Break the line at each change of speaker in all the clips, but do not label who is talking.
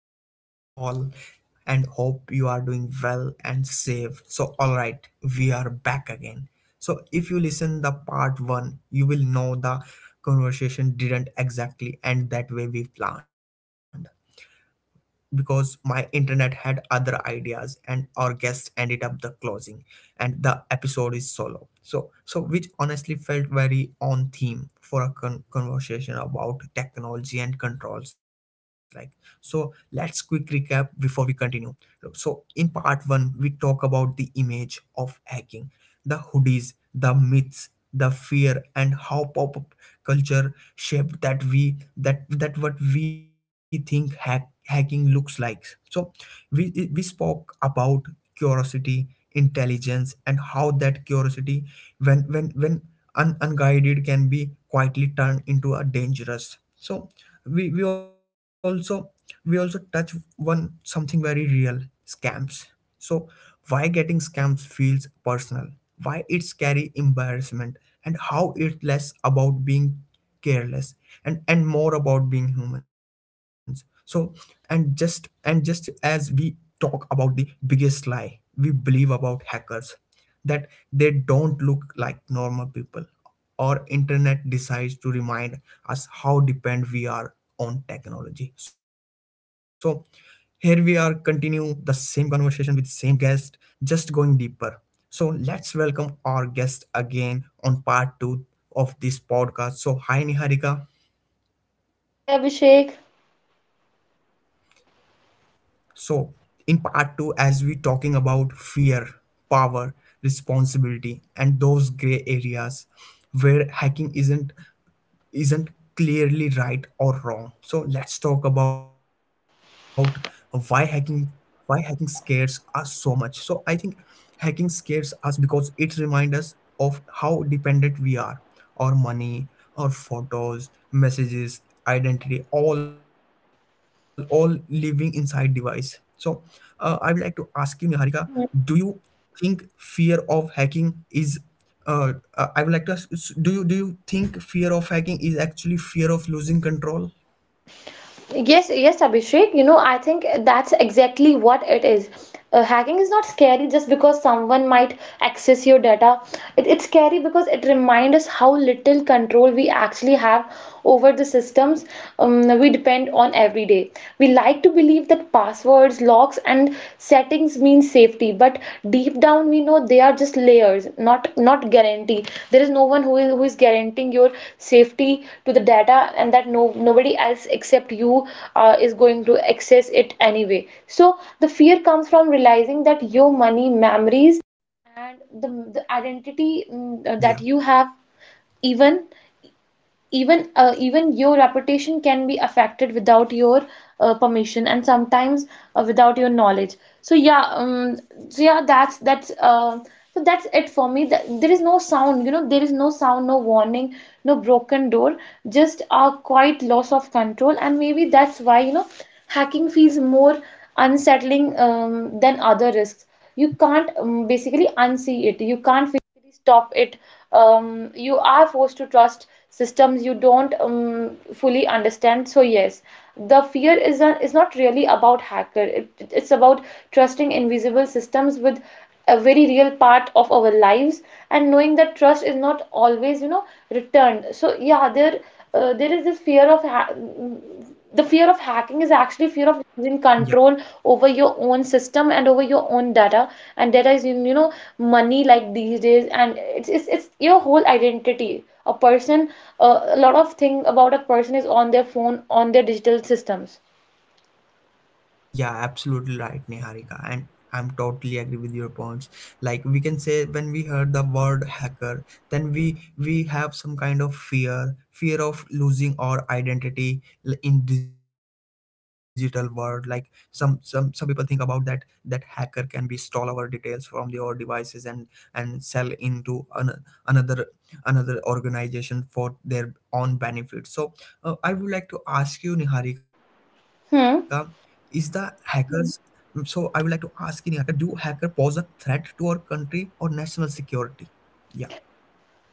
how are you all? And hope you are doing well and safe. So, alright, we are back again. So, if you listen the part 1, you will know the conversation didn't exactly end that way we planned because my internet had other ideas and our guest ended up the closing and the episode is solo so which honestly felt very on theme for a conversation about technology and controls, like so let's quick recap before we continue. Look, so, in part one, we talk about the image of hacking, the hoodies, the myths, the fear, and how pop-up culture shaped that what we think hacking looks like. So, we we spoke about curiosity, intelligence, and how that curiosity, when unguided, can be quietly turned into a dangerous. So we we also we also touch one something very real: scams. So why getting scams feels personal, why it's carry embarrassment, and how it's less about being careless and more about being humans. So and just as we talk about the biggest lie we believe about hackers, that they don't look like normal people, or internet decides to remind us how dependent we are on technology. So here we are continue the same conversation with same guest, just going deeper. So let's welcome our guest again on part two of this podcast. So hi Niharika.
Hi Abhishek.
So in part two, as we talking about fear, power, responsibility, and those gray areas where hacking isn't clearly right or wrong. So let's talk about why hacking why hacking scares us so much. So I think hacking scares us because it reminds us of how dependent we are. Our money, our photos, messages, identity, all living inside device. So I would like to ask you, Niharika, do you think fear of hacking is uh, I would like to ask: Do you think fear of hacking is actually fear of losing control?
Yes, Abhishek. You know, I think that's exactly what it is. Hacking is not scary just because someone might access your data. It's scary because it reminds us how little control we actually have over the systems we depend on every day. We like to believe that passwords, locks, and settings mean safety, but deep down we know they are just layers, not guarantee. There is no one who is guaranteeing your safety to the data, and that no nobody else except you is going to access it anyway. So the fear comes from realizing that
Yeah,
to trust systems you don't fully understand. So yes, the fear is not really about hacker. It's about trusting invisible systems with a very real part of our lives and knowing that trust is not always, you know, returned. So yeah, there is this the fear of hacking is actually
yeah.
fear of losing control over your own system and over your own data. And data is, you know, money, like, these days, and it's your whole identity. A person, a lot of thing about a person on their phone, on their digital systems.
Yeah, absolutely right, Niharika. And I'm totally agree with your points. Like we can say when we heard the word hacker, then we have some kind of fear, fear of losing our identity in digital world. Like some people think about that that hacker can be stole our details from the our devices and sell into another another organization for their own benefit. So I would like to ask you, Niharika, is the
Hmm.
hacker. Mm, so I would like to ask in America, do hacker pose a threat to our country or national security? Yeah,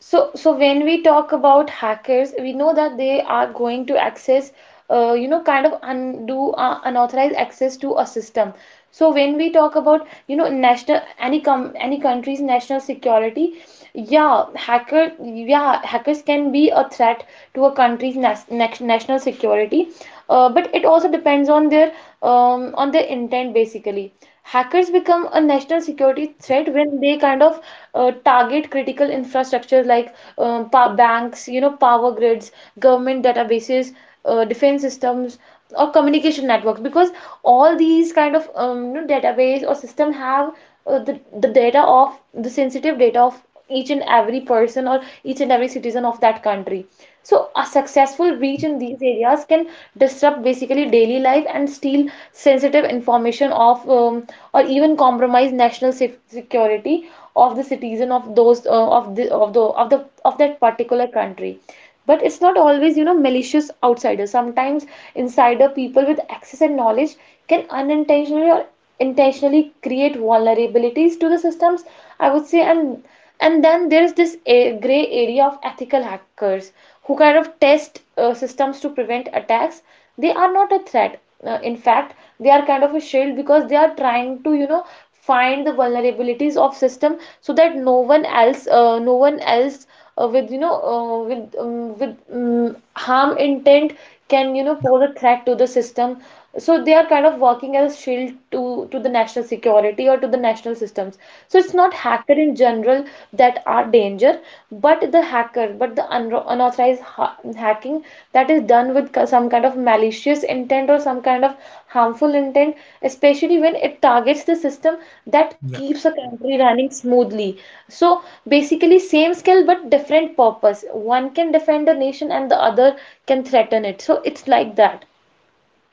So when we talk about hackers, we know that they are going to access, you know, kind of undo unauthorized access to a system. So when we talk about, you know, national any com any country's national security, yeah, hackers can be a threat to a country's national security, but it also depends on their intent basically. Hackers become a national security threat when they kind of target critical infrastructures like pa banks, you know, power grids, government databases, defense systems, or communication networks, because all these kind of you know, database or system have the data of the sensitive data of each and every person or each and every citizen of that country. So, a successful reach in these areas can disrupt basically daily life and steal sensitive information of or even compromise national security of the citizen of those of that particular country. But it's not always, you know, malicious outsiders. Sometimes insider people with access and knowledge can unintentionally or intentionally create vulnerabilities to the systems, I would say. And then there's this a gray area of ethical hackers who kind of test systems to prevent attacks. They are not a threat. In fact, they are kind of a shield because they are trying to, you know, find the vulnerabilities of system so that no one else with, you know with harm intent
yeah,
can, you know, pose a threat to the system. So they are kind of working as a shield to the national security or to the national systems. So it's not hacker in general that are danger, but the hacker but the unauthorized hacking that is done with some kind of malicious intent or some kind of harmful intent, especially when it targets the system that keeps
yeah.
a country running smoothly. So basically same skill but different purpose: one can defend the nation and the other can threaten it. So it's like that.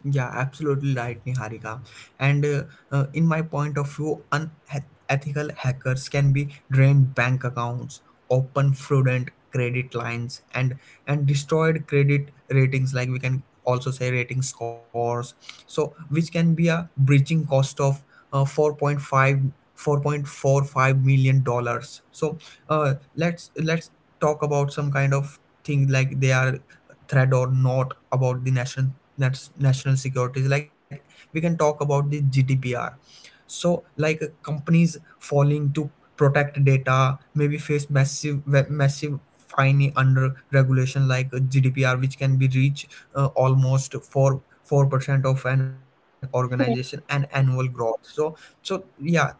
Yeah, absolutely right, Niharika. And in my point of view, unethical hackers can be drained bank accounts, open fraudulent credit lines, and destroyed credit ratings. Like we can also say rating scores. So which can be a breaching cost of 4.5 4.45 million dollars. So let's talk about some kind of thing like they are a threat or not about the national, that's national securities. Like we can talk about the gdpr. So like companies falling to protect data maybe face massive fine under regulation like gdpr, which can be reached almost 4% of an organization and annual growth. So so yeah,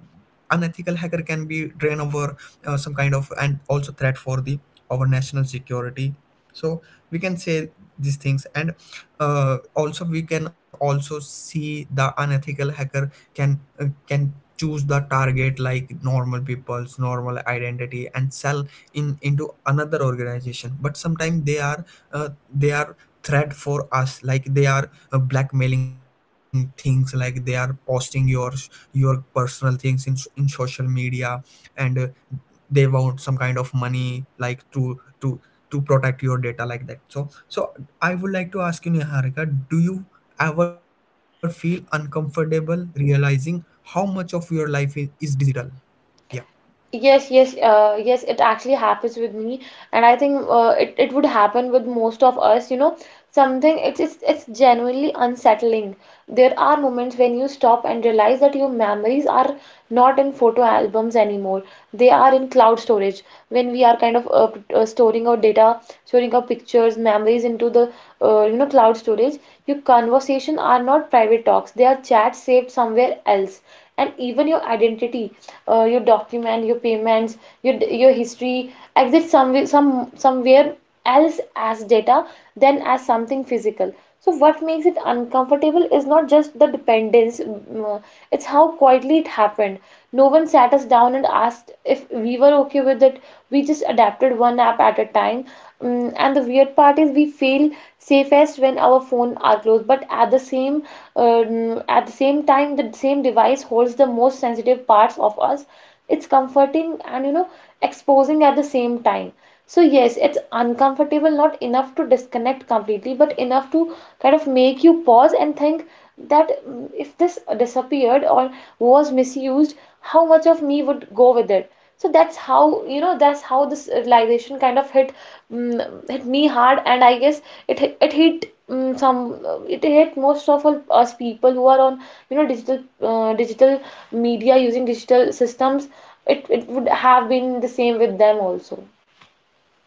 unethical hacker can be drain over some kind of, and also threat for the our national security. So we can say these things. And also we can also see the unethical hacker can choose the target like normal people's normal identity and sell in into another organization. But sometimes they are, they are threat for us, like they are blackmailing things, like they are posting your personal things in social media. And they want some kind of money, like to protect your data, like that. So so I would like to ask you, Niharika, do you ever feel uncomfortable realizing how much of your life is digital? Yeah.
Yes, it actually happens with me, and I think it would happen with most of us, you know, something. It's genuinely unsettling. There are moments when you stop and realize that your memories are not in photo albums anymore. They are in cloud storage, when we are kind of storing our data, storing our pictures, memories into the you know, cloud storage. Your conversation are not private talks. They are chats saved somewhere else. And even your identity, your document, your payments, your your history exit somewhere, somewhere else as data, than as something physical. So, what makes it uncomfortable is not just the dependence, it's how quietly it happened. No one sat us down and asked if we were okay with it. We just adapted one app at a time. And the weird part is we feel safest when our phone are closed, but at the same time, the same device holds the most sensitive parts of us. It's comforting and, you know, exposing at the same time. So yes, it's uncomfortable, not enough to disconnect completely, but enough to kind of make you pause and think that, if this disappeared or was misused, how much of me would go with it? So that's how, you know, that's how this realization kind of hit me hard, and I guess it hit most of all us people who are on, you know, digital media, using digital systems. It would have been the same with them also.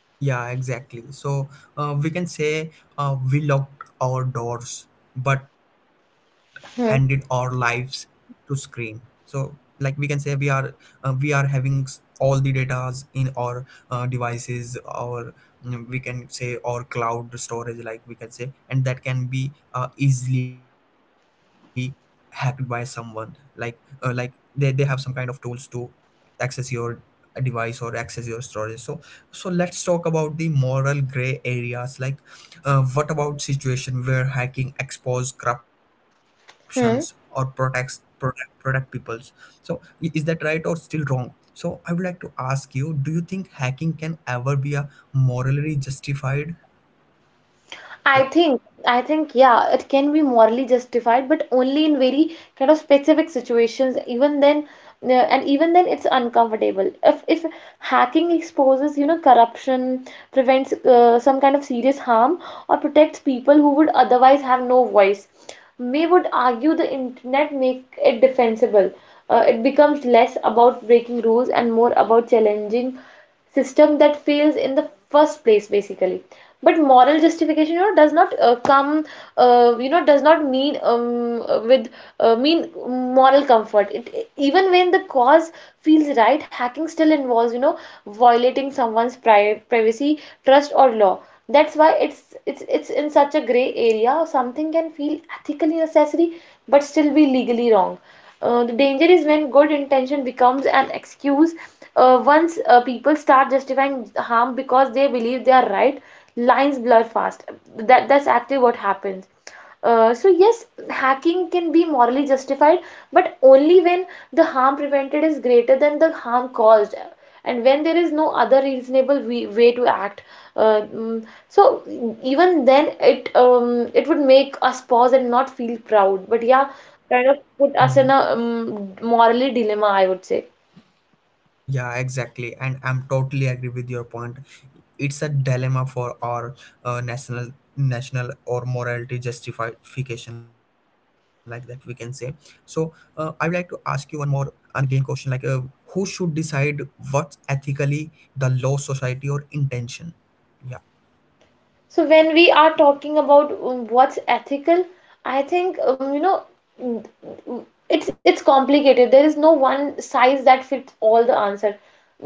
Yeah, exactly. So we can say we locked our doors but handed our lives to screen. So like we can say we are, we are having all the datas in our devices, or mm, we can say our cloud storage, like we can say, and that can be easily hacked by someone, like they have some kind of tools to access your device or access your storage. So so let's talk about the moral gray areas, like what about situation where hacking expose corruptions or
Hmm.
protect peoples, so is that right or still wrong? So I would like to ask you, do you think hacking can ever be a morally justified?
I
Yeah,
think, I think, yeah, it can be morally justified, but only in very kind of specific situations. Even then, it's uncomfortable. If hacking exposes, you know, corruption, prevents some kind of serious harm, or protects people who would otherwise have no voice, May would argue the internet make it defensible. It becomes less about breaking rules and more about challenging system that fails in the first place basically. But moral justification, you know, does not come you know does not mean, with mean moral comfort. It, even when the cause feels right, hacking still involves, you know, violating someone's privacy, trust, or law. That's why it's in such a gray area. Something can feel ethically necessary but still be legally wrong. The danger is when good intention becomes an excuse. Once people start justifying harm because they believe they are right, lines blur fast. That's actually what happens. So yes, hacking can be morally justified, but only when the harm prevented is greater than the harm caused, and when there is no other reasonable way to act. Uh, mm, so even then, it would make us pause and not feel proud. But yeah,
yeah.
kind of put us in a morally dilemma, I would say.
Yeah, exactly. And I'm totally agree with your point. It's a dilemma for our national, national or morality justification, like that we can say. So I would like to ask you one more and again question, like who should decide what's ethically the law, society, or intention? Yeah.
So when we are talking about what's ethical, I think, you know, it's complicated. There is no one size that fits all the answer.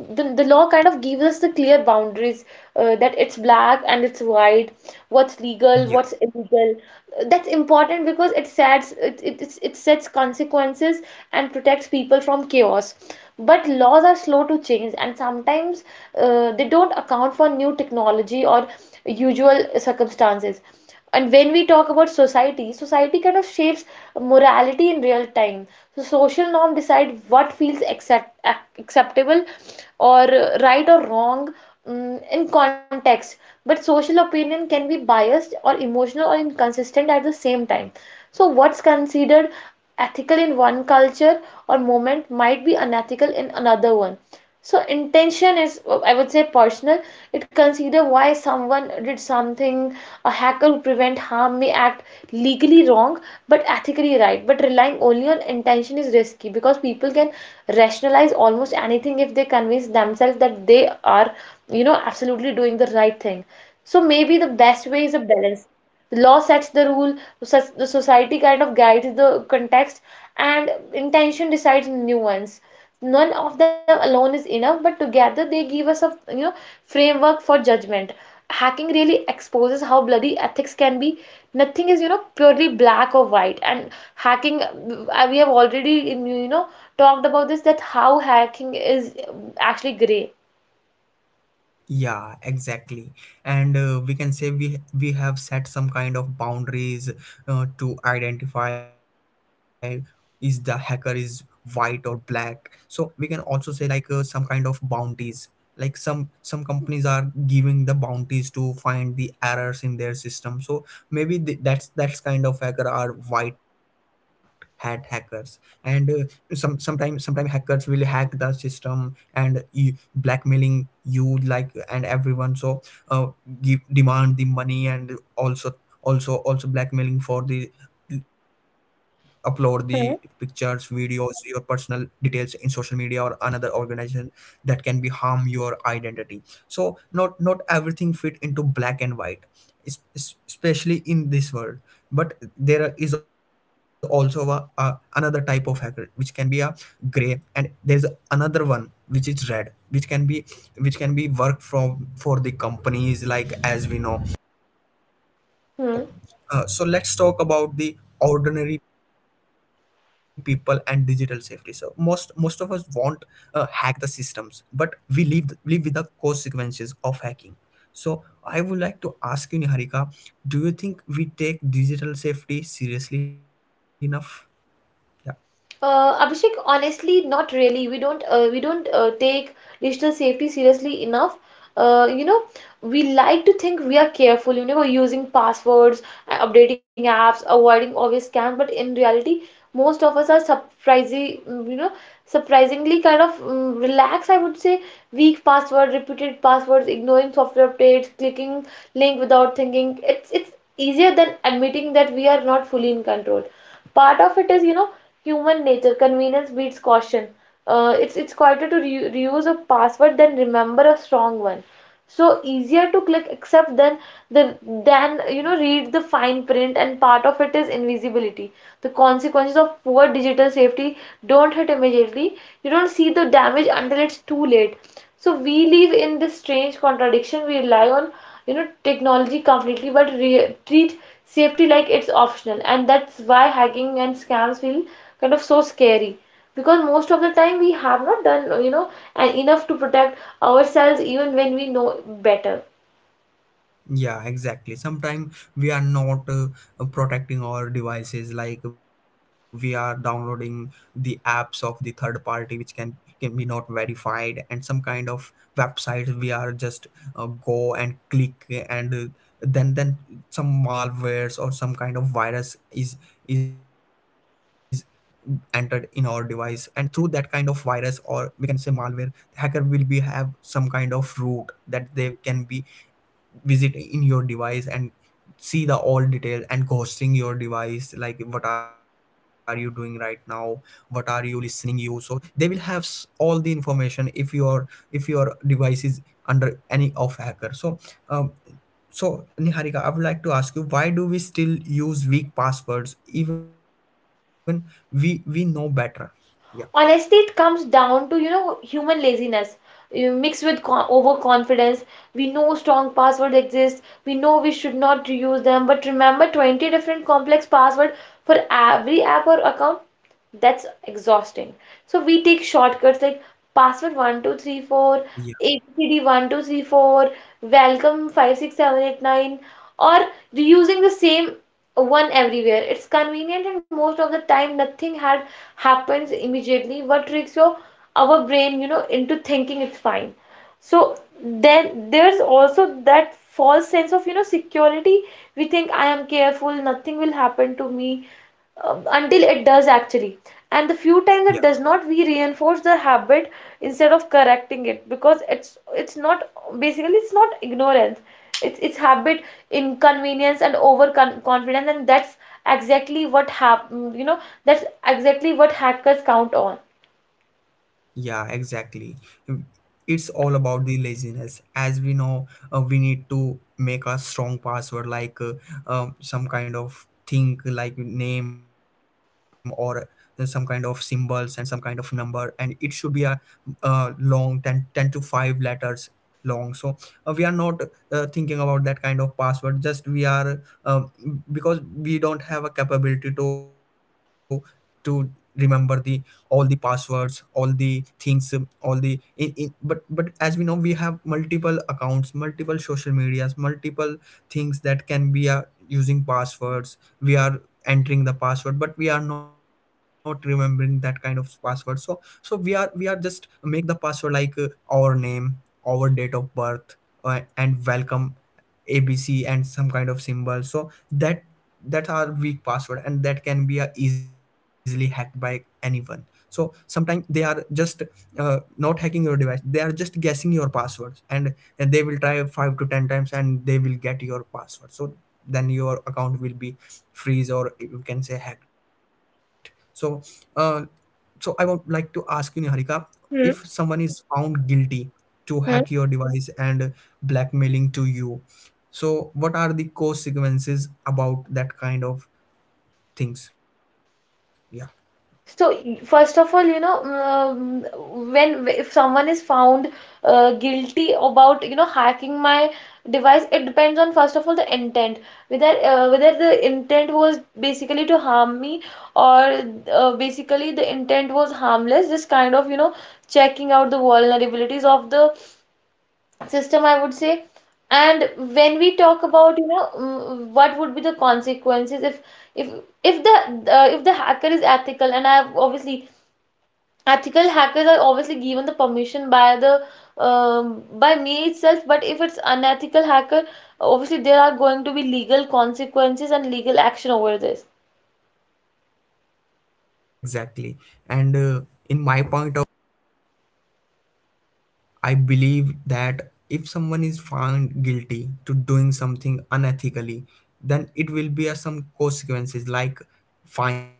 The law kind of gives us the clear boundaries, that it's black and it's white: what's legal,
Yeah.
what's illegal. That's important because it sets it, it, it's- it sets consequences and protects people from chaos. But laws are slow to change, and sometimes they don't account for new technology or usual circumstances. And when we talk about society, society kind of shapes morality in real time. So social norm decide what feels acceptable or, right or wrong, in context. But social opinion can be biased or emotional or inconsistent at the same time. So what's considered ethical in one culture or moment might be unethical in another one. So intention is, I would say, personal. It consider why someone did something. A hacker who prevent harm may act legally wrong but ethically right. But relying only on intention is risky because people can rationalize almost anything if they convince themselves that they are, you know, absolutely doing the right thing. So maybe the best way is a balance. The law sets the rule, the the society kind of guides the context, and intention decides nuance. None of them alone is enough, but together they give us a, you know, framework for judgment. Hacking really exposes how bloody ethics can be. Nothing is, you know, purely black or white. And hacking, we have already, you know, talked about this, that how hacking is, actually gray.
Yeah, exactly. And we can say we have set some kind of boundaries to identify is the hacker is white or black. So we can also say like some kind of bounties. Like some companies are giving the bounties to find the errors in their system. So maybe that's kind of hacker are white hat hackers. And some sometime sometime hackers will hack the system and blackmailing you like and everyone. So uh, give demand the money, and also blackmailing for the upload the pictures,
Hmm.
videos, your personal details in social media or another organization that can be harm your identity. So not everything fit into black and white, especially in this world. But there is also a another type of hacker, which can be a gray, and there is another one which is red, which can be worked from for the companies, like as we know.
Hmm.
So so let's talk about the ordinary people and digital safety. So most of us won't hack the systems, but we live with the consequences of hacking. So I would like to ask you, Niharika, do you think we take digital safety seriously enough? Yeah.
Abhishek, honestly, not really. We don't, we don't take digital safety seriously enough. You know, we like to think we are careful, you know, we're using passwords, updating apps, avoiding obvious scams, but in reality, most of us are you know, surprisingly kind of relaxed, I would say. Weak password, repeated passwords, ignoring software updates, clicking link without thinking. It's easier than admitting that we are not fully in control. Part of it is, you know, human nature. Convenience beats caution. It's quieter to re reuse a password than remember a strong one, so easier to click. Except then the then you know read the fine print. And part of it is invisibility. The consequences of poor digital safety don't hit immediately. You don't see the damage until it's too late. So we live in this strange contradiction. We rely on, you know, technology completely, but treat safety like it's optional, and that's why hacking and scams feel kind of so scary, because most of the time we have not done, enough to protect ourselves, even when we know better.
Yeah, exactly. Sometimes we are not protecting our devices, like we are downloading the apps of the third party, which can be not verified, and some kind of websites we are just go and click, and then some malwares or some kind of virus is entered in our device, and through that kind of virus, or we can say malware, hacker will be have some kind of route that they can be visit in your device and see the all detail and ghosting your device, like what are you doing right now, what are you listening you. So they will have all the information if your device is under any of hacker. So um, so Niharika, I would like to ask you, why do we still use weak passwords even we know better? Yeah,
Honestly, it comes down to, you know, human laziness, you mixed with overconfidence. We know strong passwords exist. We know we should not use them, but remember 20 different complex passwords for every app or account? That's exhausting. So we take shortcuts like password 1234,
yeah.
ABCD 1234, welcome 56789, or reusing the same one everywhere. It's convenient, and most of the time nothing had happens immediately. What tricks your our brain, you know, into thinking it's fine. So then there's also that false sense of, you know, security. We think, I am careful, nothing will happen to me, until it does, actually. And the few times it does not, we reinforce the habit instead of correcting it, because it's not basically it's not ignorance, it's habit, inconvenience, and over con- confidence. And exactly what hap- you know that's exactly what hackers count on.
Yeah, exactly. It's all about the laziness. As we know, we need to make a strong password like some kind of thing like name or some kind of symbols and some kind of number, and it should be a long ten to 5 letters long. So we are not thinking about that kind of password, just we are because we don't have a capability to remember the all the passwords, all the things, all the in. But as we know, we have multiple accounts, multiple social medias, multiple things that can be using passwords. We are entering the password, but we are not remembering that kind of password. So so we are, we are just make the password like our name, our date of birth, and welcome, abc, and some kind of symbol. So that that are weak password, and that can be easily hacked by anyone. So sometimes they are just not hacking your device, they are just guessing your passwords, and they will try 5 to 10 times and they will get your password. So then your account will be freeze, or you can say hacked. So uh, so I would like to ask you, Niharika, if
Hmm.
someone is found guilty to hack your device and blackmailing to you, so what are the consequences about that kind of things? Yeah.
So, first of all, you know, when if someone is found guilty about, you know, hacking my device, it depends on, first of all, the intent. Whether whether the intent was basically to harm me, or basically the intent was harmless, just kind of, you know, checking out the vulnerabilities of the system, I would say. And when we talk about, you know, mm, what would be the consequences if if the if the hacker is ethical, and I've obviously— ethical hackers are obviously given the permission by the by me itself, but if it's unethical hacker, obviously there are going to be legal consequences and legal action over this.
Yeah, exactly. And in my point, I believe that if someone is found guilty to doing something unethically, then it will be a, some consequences like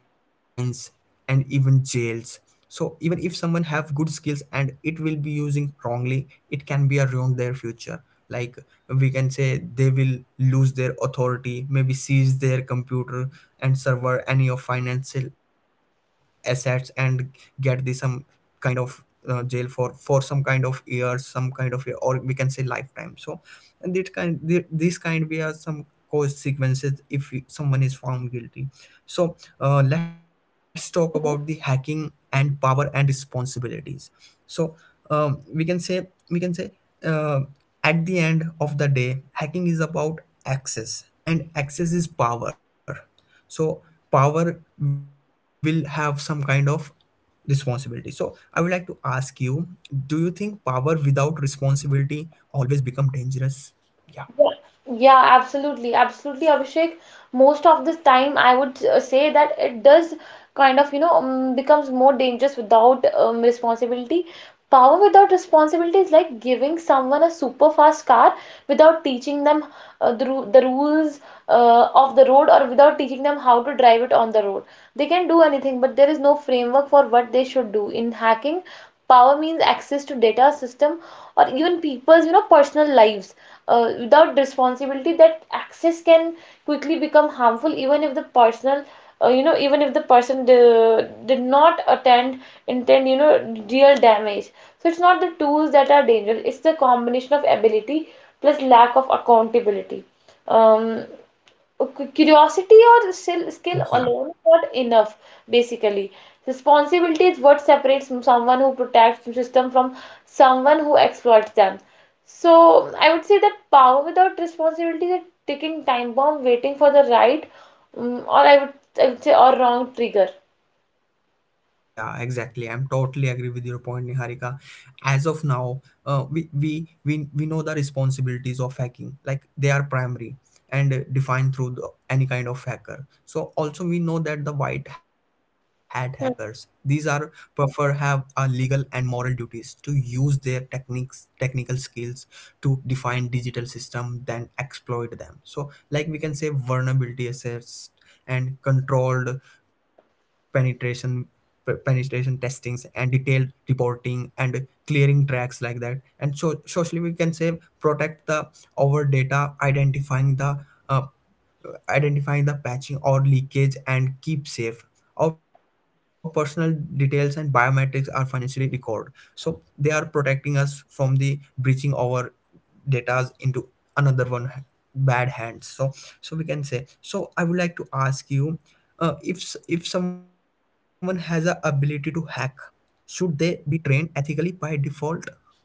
fines and even jails. So even if someone have good skills and it will be using wrongly, it can be around their future. Like we can say they will lose their authority, maybe seize their computer and server any of financial assets and get the some kind of jail for some kind of years some kind of, or we can say lifetime. So and it kind this kind we are some cause sequences if someone is found guilty. So let's talk about the hacking and power and responsibilities. So we can say uh, at the end of the day, hacking is about access, and access is power. So power will have some kind of responsibility. So I would like to ask you: do you think power without responsibility always become dangerous? Yeah.
Yeah, yeah, absolutely, absolutely, Abhishek. Most of the time, I would say that it does kind of, you know, becomes more dangerous without responsibility. Power without responsibility is like giving someone a super fast car without teaching them the rules of the road, or without teaching them how to drive it on the road. They can do anything, but there is no framework for what they should do. In hacking, power means access to data, system, or even people's, you know, personal lives. Without responsibility, that access can quickly become harmful, even if the personal— even if the person did not attend, intend, you know, real damage. So it's not the tools that are dangerous, it's the combination of ability plus lack of accountability. um, Curiosity or skill, skill alone is
Yeah.
not enough. Basically, responsibility is what separates someone who protects the system from someone who exploits them. So I would say that power without responsibility is a ticking time bomb waiting for the right, mm, or I would— I would say, or wrong trigger.
Yeah, exactly. I'm totally agree with your point, Niharika. As of now, we know the responsibilities of hacking, like they are primary and defined through the any kind of hacker. So also we know that the white hat hackers, these are prefer have a legal and moral duties to use their techniques, technical skills to define digital system, then exploit them. So like we can say vulnerability assets and controlled penetration penetration testings and detailed reporting and clearing tracks like that. And so socially we can say protect the our data, uh, identifying the patching or leakage and keep safe our personal details and biometrics are financially recorded. So they are protecting us from the breaching our data into another one bad hands. So so we can say so I would like to ask you, if if someone has a ability to hack, should they be trained ethically by default? Yeah.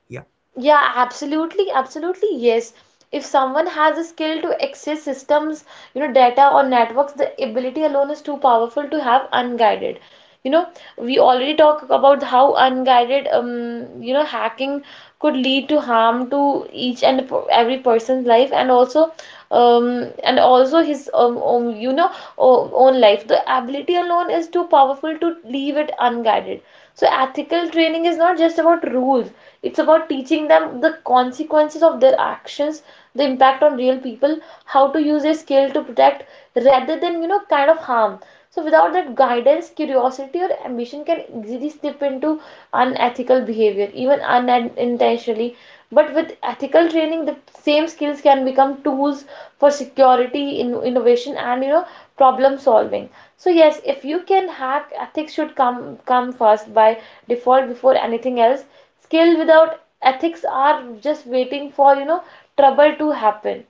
Yeah, absolutely, absolutely, yes. If someone has a skill to access systems, you know, data or networks, the ability alone is too powerful to have unguided. You know, we already talk about how unguided, you know, hacking could lead to harm to each and every person's life, and also his, you know, own life. The ability alone is too powerful to leave it unguided. So ethical training is not just about rules, it's about teaching them the consequences of their actions, the impact on real people, how to use their skill to protect rather than, you know, kind of harm. So without that guidance, curiosity or ambition can easily slip into unethical behavior, even unintentionally. But with ethical training, the same skills can become tools for security, innovation, and, you know, problem solving. So yes, if you can hack, ethics should come first by default before anything else. Skill without ethics are just waiting for, you know, trouble to happen.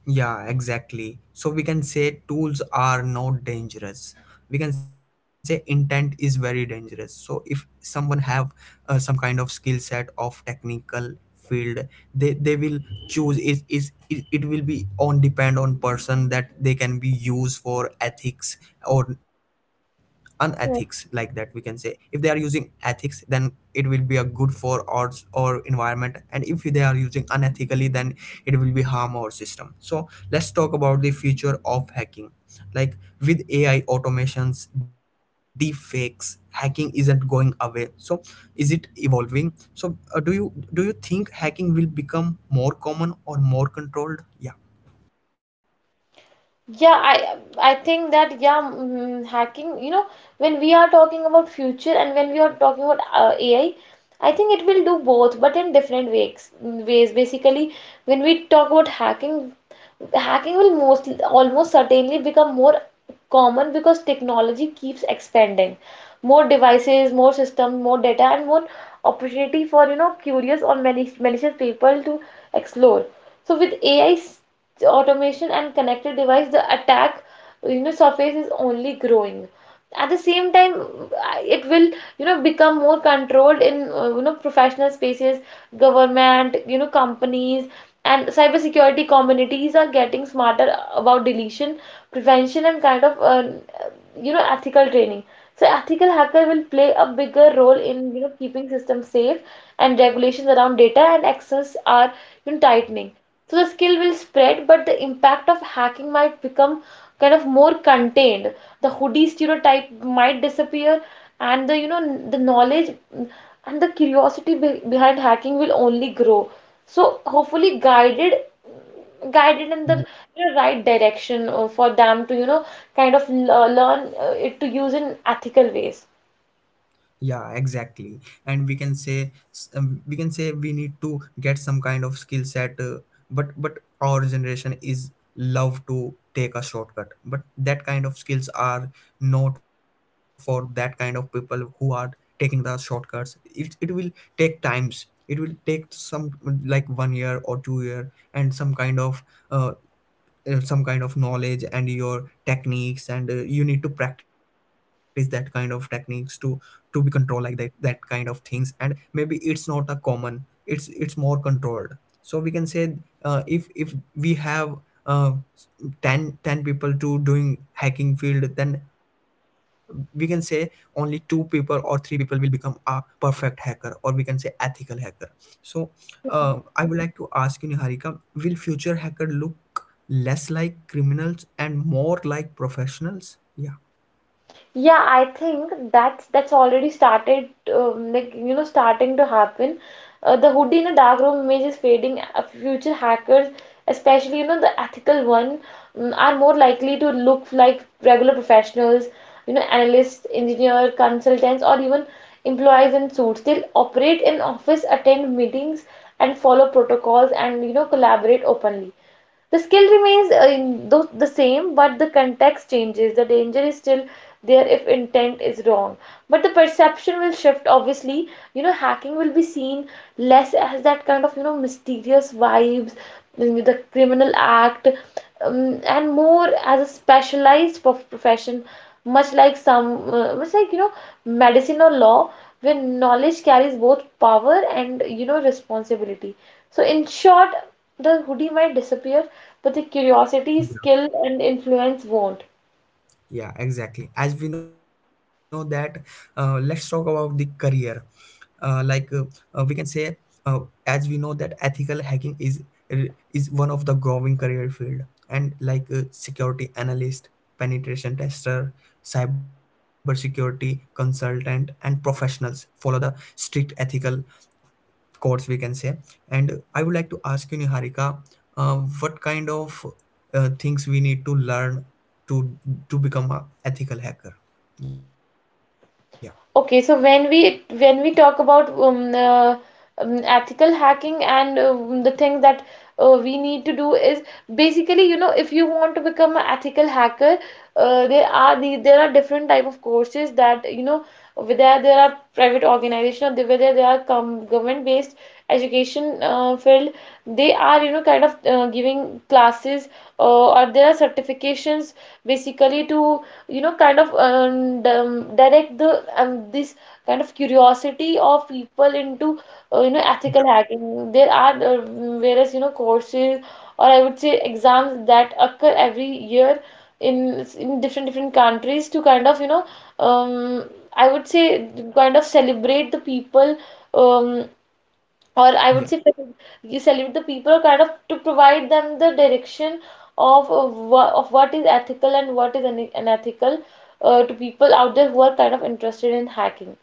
Yeah, exactly. So we can say tools are not dangerous. We can say intent is very dangerous. So if someone have some kind of skill set of technical field, they will choose is it, it will be on depend on person that they can be used for ethics or unethics, like that we can say if they are using ethics then it will be a good for ours or environment, and if they are using unethically then it will be harm our system. So let's talk about the future of hacking, like with AI automations, deepfakes, hacking isn't going away. So is it evolving? So do you think hacking will become more common or more controlled? Yeah.
Yeah, I think that, yeah, mm, hacking. You know, when we are talking about future and when we are talking about AI, I think it will do both, but in different ways. Ways basically, when we talk about hacking, hacking will most almost certainly become more common because technology keeps expanding. More devices, more systems, more data, and more opportunity for, you know, curious or malicious people to explore. So with AI, automation and connected device, the attack, you know, surface is only growing. At the same time, it will, you know, become more controlled in, you know, professional spaces, government, you know, companies, and cybersecurity communities are getting smarter about deletion, prevention, and kind of, you know, ethical training. So ethical hacker will play a bigger role in, you know, keeping systems safe, and regulations around data and access are, you know, tightening. So the skill will spread, but the impact of hacking might become kind of more contained. The hoodie stereotype might disappear, and the, you know, the knowledge and the curiosity behind hacking will only grow, so hopefully guided, guided in the, you know, right direction for them to, you know, kind of learn it to use in ethical ways.
Yeah, exactly. And we can say we can say we need to get some kind of skill set, but our generation is love to take a shortcut, but that kind of skills are not for that kind of people who are taking the shortcuts. It will take times, it will take some like 1 year or 2 year and uh, some kind of knowledge and your techniques, and you need to practice that kind of techniques to be control, like that, that kind of things. And maybe it's not a common, it's more controlled. So we can say if we have uh, ten people to doing hacking field, then we can say only two people or three people will become a perfect hacker, or we can say ethical hacker. So I would like to ask you, Niharika, will future hacker look less like criminals and more like professionals? Yeah.
Yeah, I think that's already started, like, you know, starting to happen. The hoodie in a dark room image is fading. Future hackers, especially, you know, the ethical one, mm, are more likely to look like regular professionals, you know, analysts, engineer, consultants, or even employees in suits. They'll operate in office, attend meetings, and follow protocols, and, you know, collaborate openly. The skill remains, the same, but the context changes. The danger is still there if intent is wrong. But the perception will shift, obviously. You know, hacking will be seen less as that kind of, you know, mysterious vibes, mm, the criminal act, and more as a specialized profession, much like much like, you know, medicine or law, where knowledge carries both power and, you know, responsibility. So, in short, the hoodie might disappear, but the curiosity,
Yeah,
skill, and influence won't.
yeah, exactly. As we know that, let's talk about the career. Uh, like uh, we can say, uh, as we know that ethical hacking is one of the growing career field, and like security analyst, penetration tester, cybersecurity consultant, and professionals follow the strict ethical of course we can say. And I would like to ask you, Niharika, uh, what kind of things we need to learn to to become a ethical hacker? Yeah.
Okay, so when we talk about ethical hacking, and the thing that we need to do is basically, you know, if you want to become an ethical hacker, there are there are different type of courses, that, you know, whether there are private organization, or whether there are com government based education field, they are, you know, kind of giving classes, or there are certifications basically to, you know, kind of direct the, this kind of curiosity of people into, you know, ethical hacking. There are various, you know, courses, or I would say exams, that occur every year in different different countries to kind of, you know, um, I would say, kind of celebrate the people, um, or I
Yeah.
would say you celebrate the people, kind of to provide them the direction of of what is ethical and what is unethical to people out there who are kind of interested in hacking.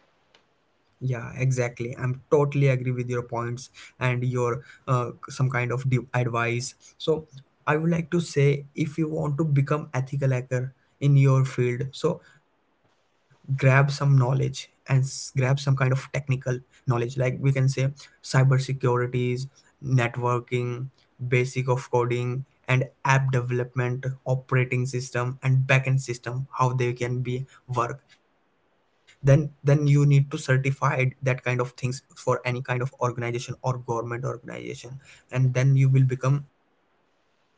Yeah, exactly. I'm totally agree with your points and your some kind of deep advice. So I would like to say if you want to become ethical hacker in your field, so grab some knowledge and grab some kind of technical knowledge, like we can say cyber securities, networking, basic of coding, and app development, operating system, and backend system, how they can be work. Then you need to certify that kind of things for any kind of organization or government organization, and then you will become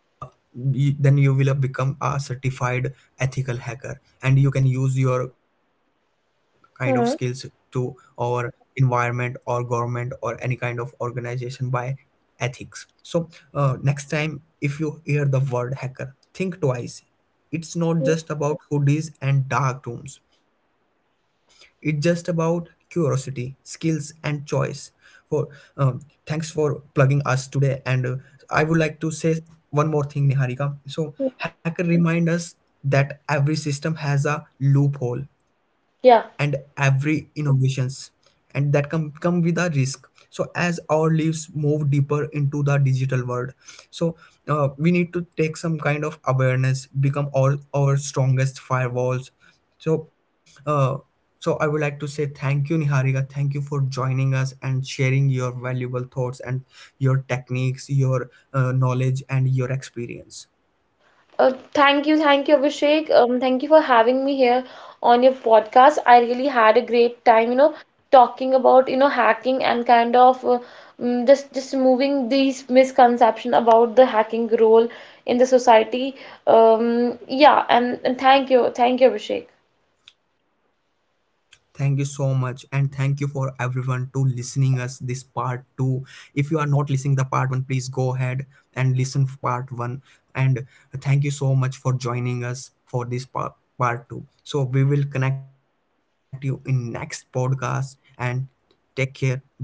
uh, y- then you will become a certified ethical hacker, and you can use your kind of skills to
Hmm.
our environment or government or any kind of organization by ethics. So next time if you hear the word hacker, think twice. It's not just about hoodies and dark rooms, it's just about curiosity, skills, and choice. For um, thanks for plugging us today. And I would like to say one more thing, Niharika. So hacker remind us that every system has a loophole, and
Yeah.
every innovations and that come with a risk. So as our lives move deeper into the digital world, so we need to take some kind of awareness, become our strongest firewalls. So uh, so I would like to say thank you, Niharika. Thank you for joining us and sharing your valuable thoughts and your techniques, your knowledge and your experience.
Thank you, thank you, Abhishek. Thank you for having me here on your podcast. I really had a great time, you know, talking about, you know, hacking and kind of, just removing these misconception about the hacking role in the society. Yeah, and thank you, Abhishek.
Thank you so much, and thank you for everyone to listening us this part 2. If you are not listening the part 1, please go ahead and listen part 1. And thank you so much for joining us for this part, part 2. So we will connect you in next podcast, and take care. Bye bye.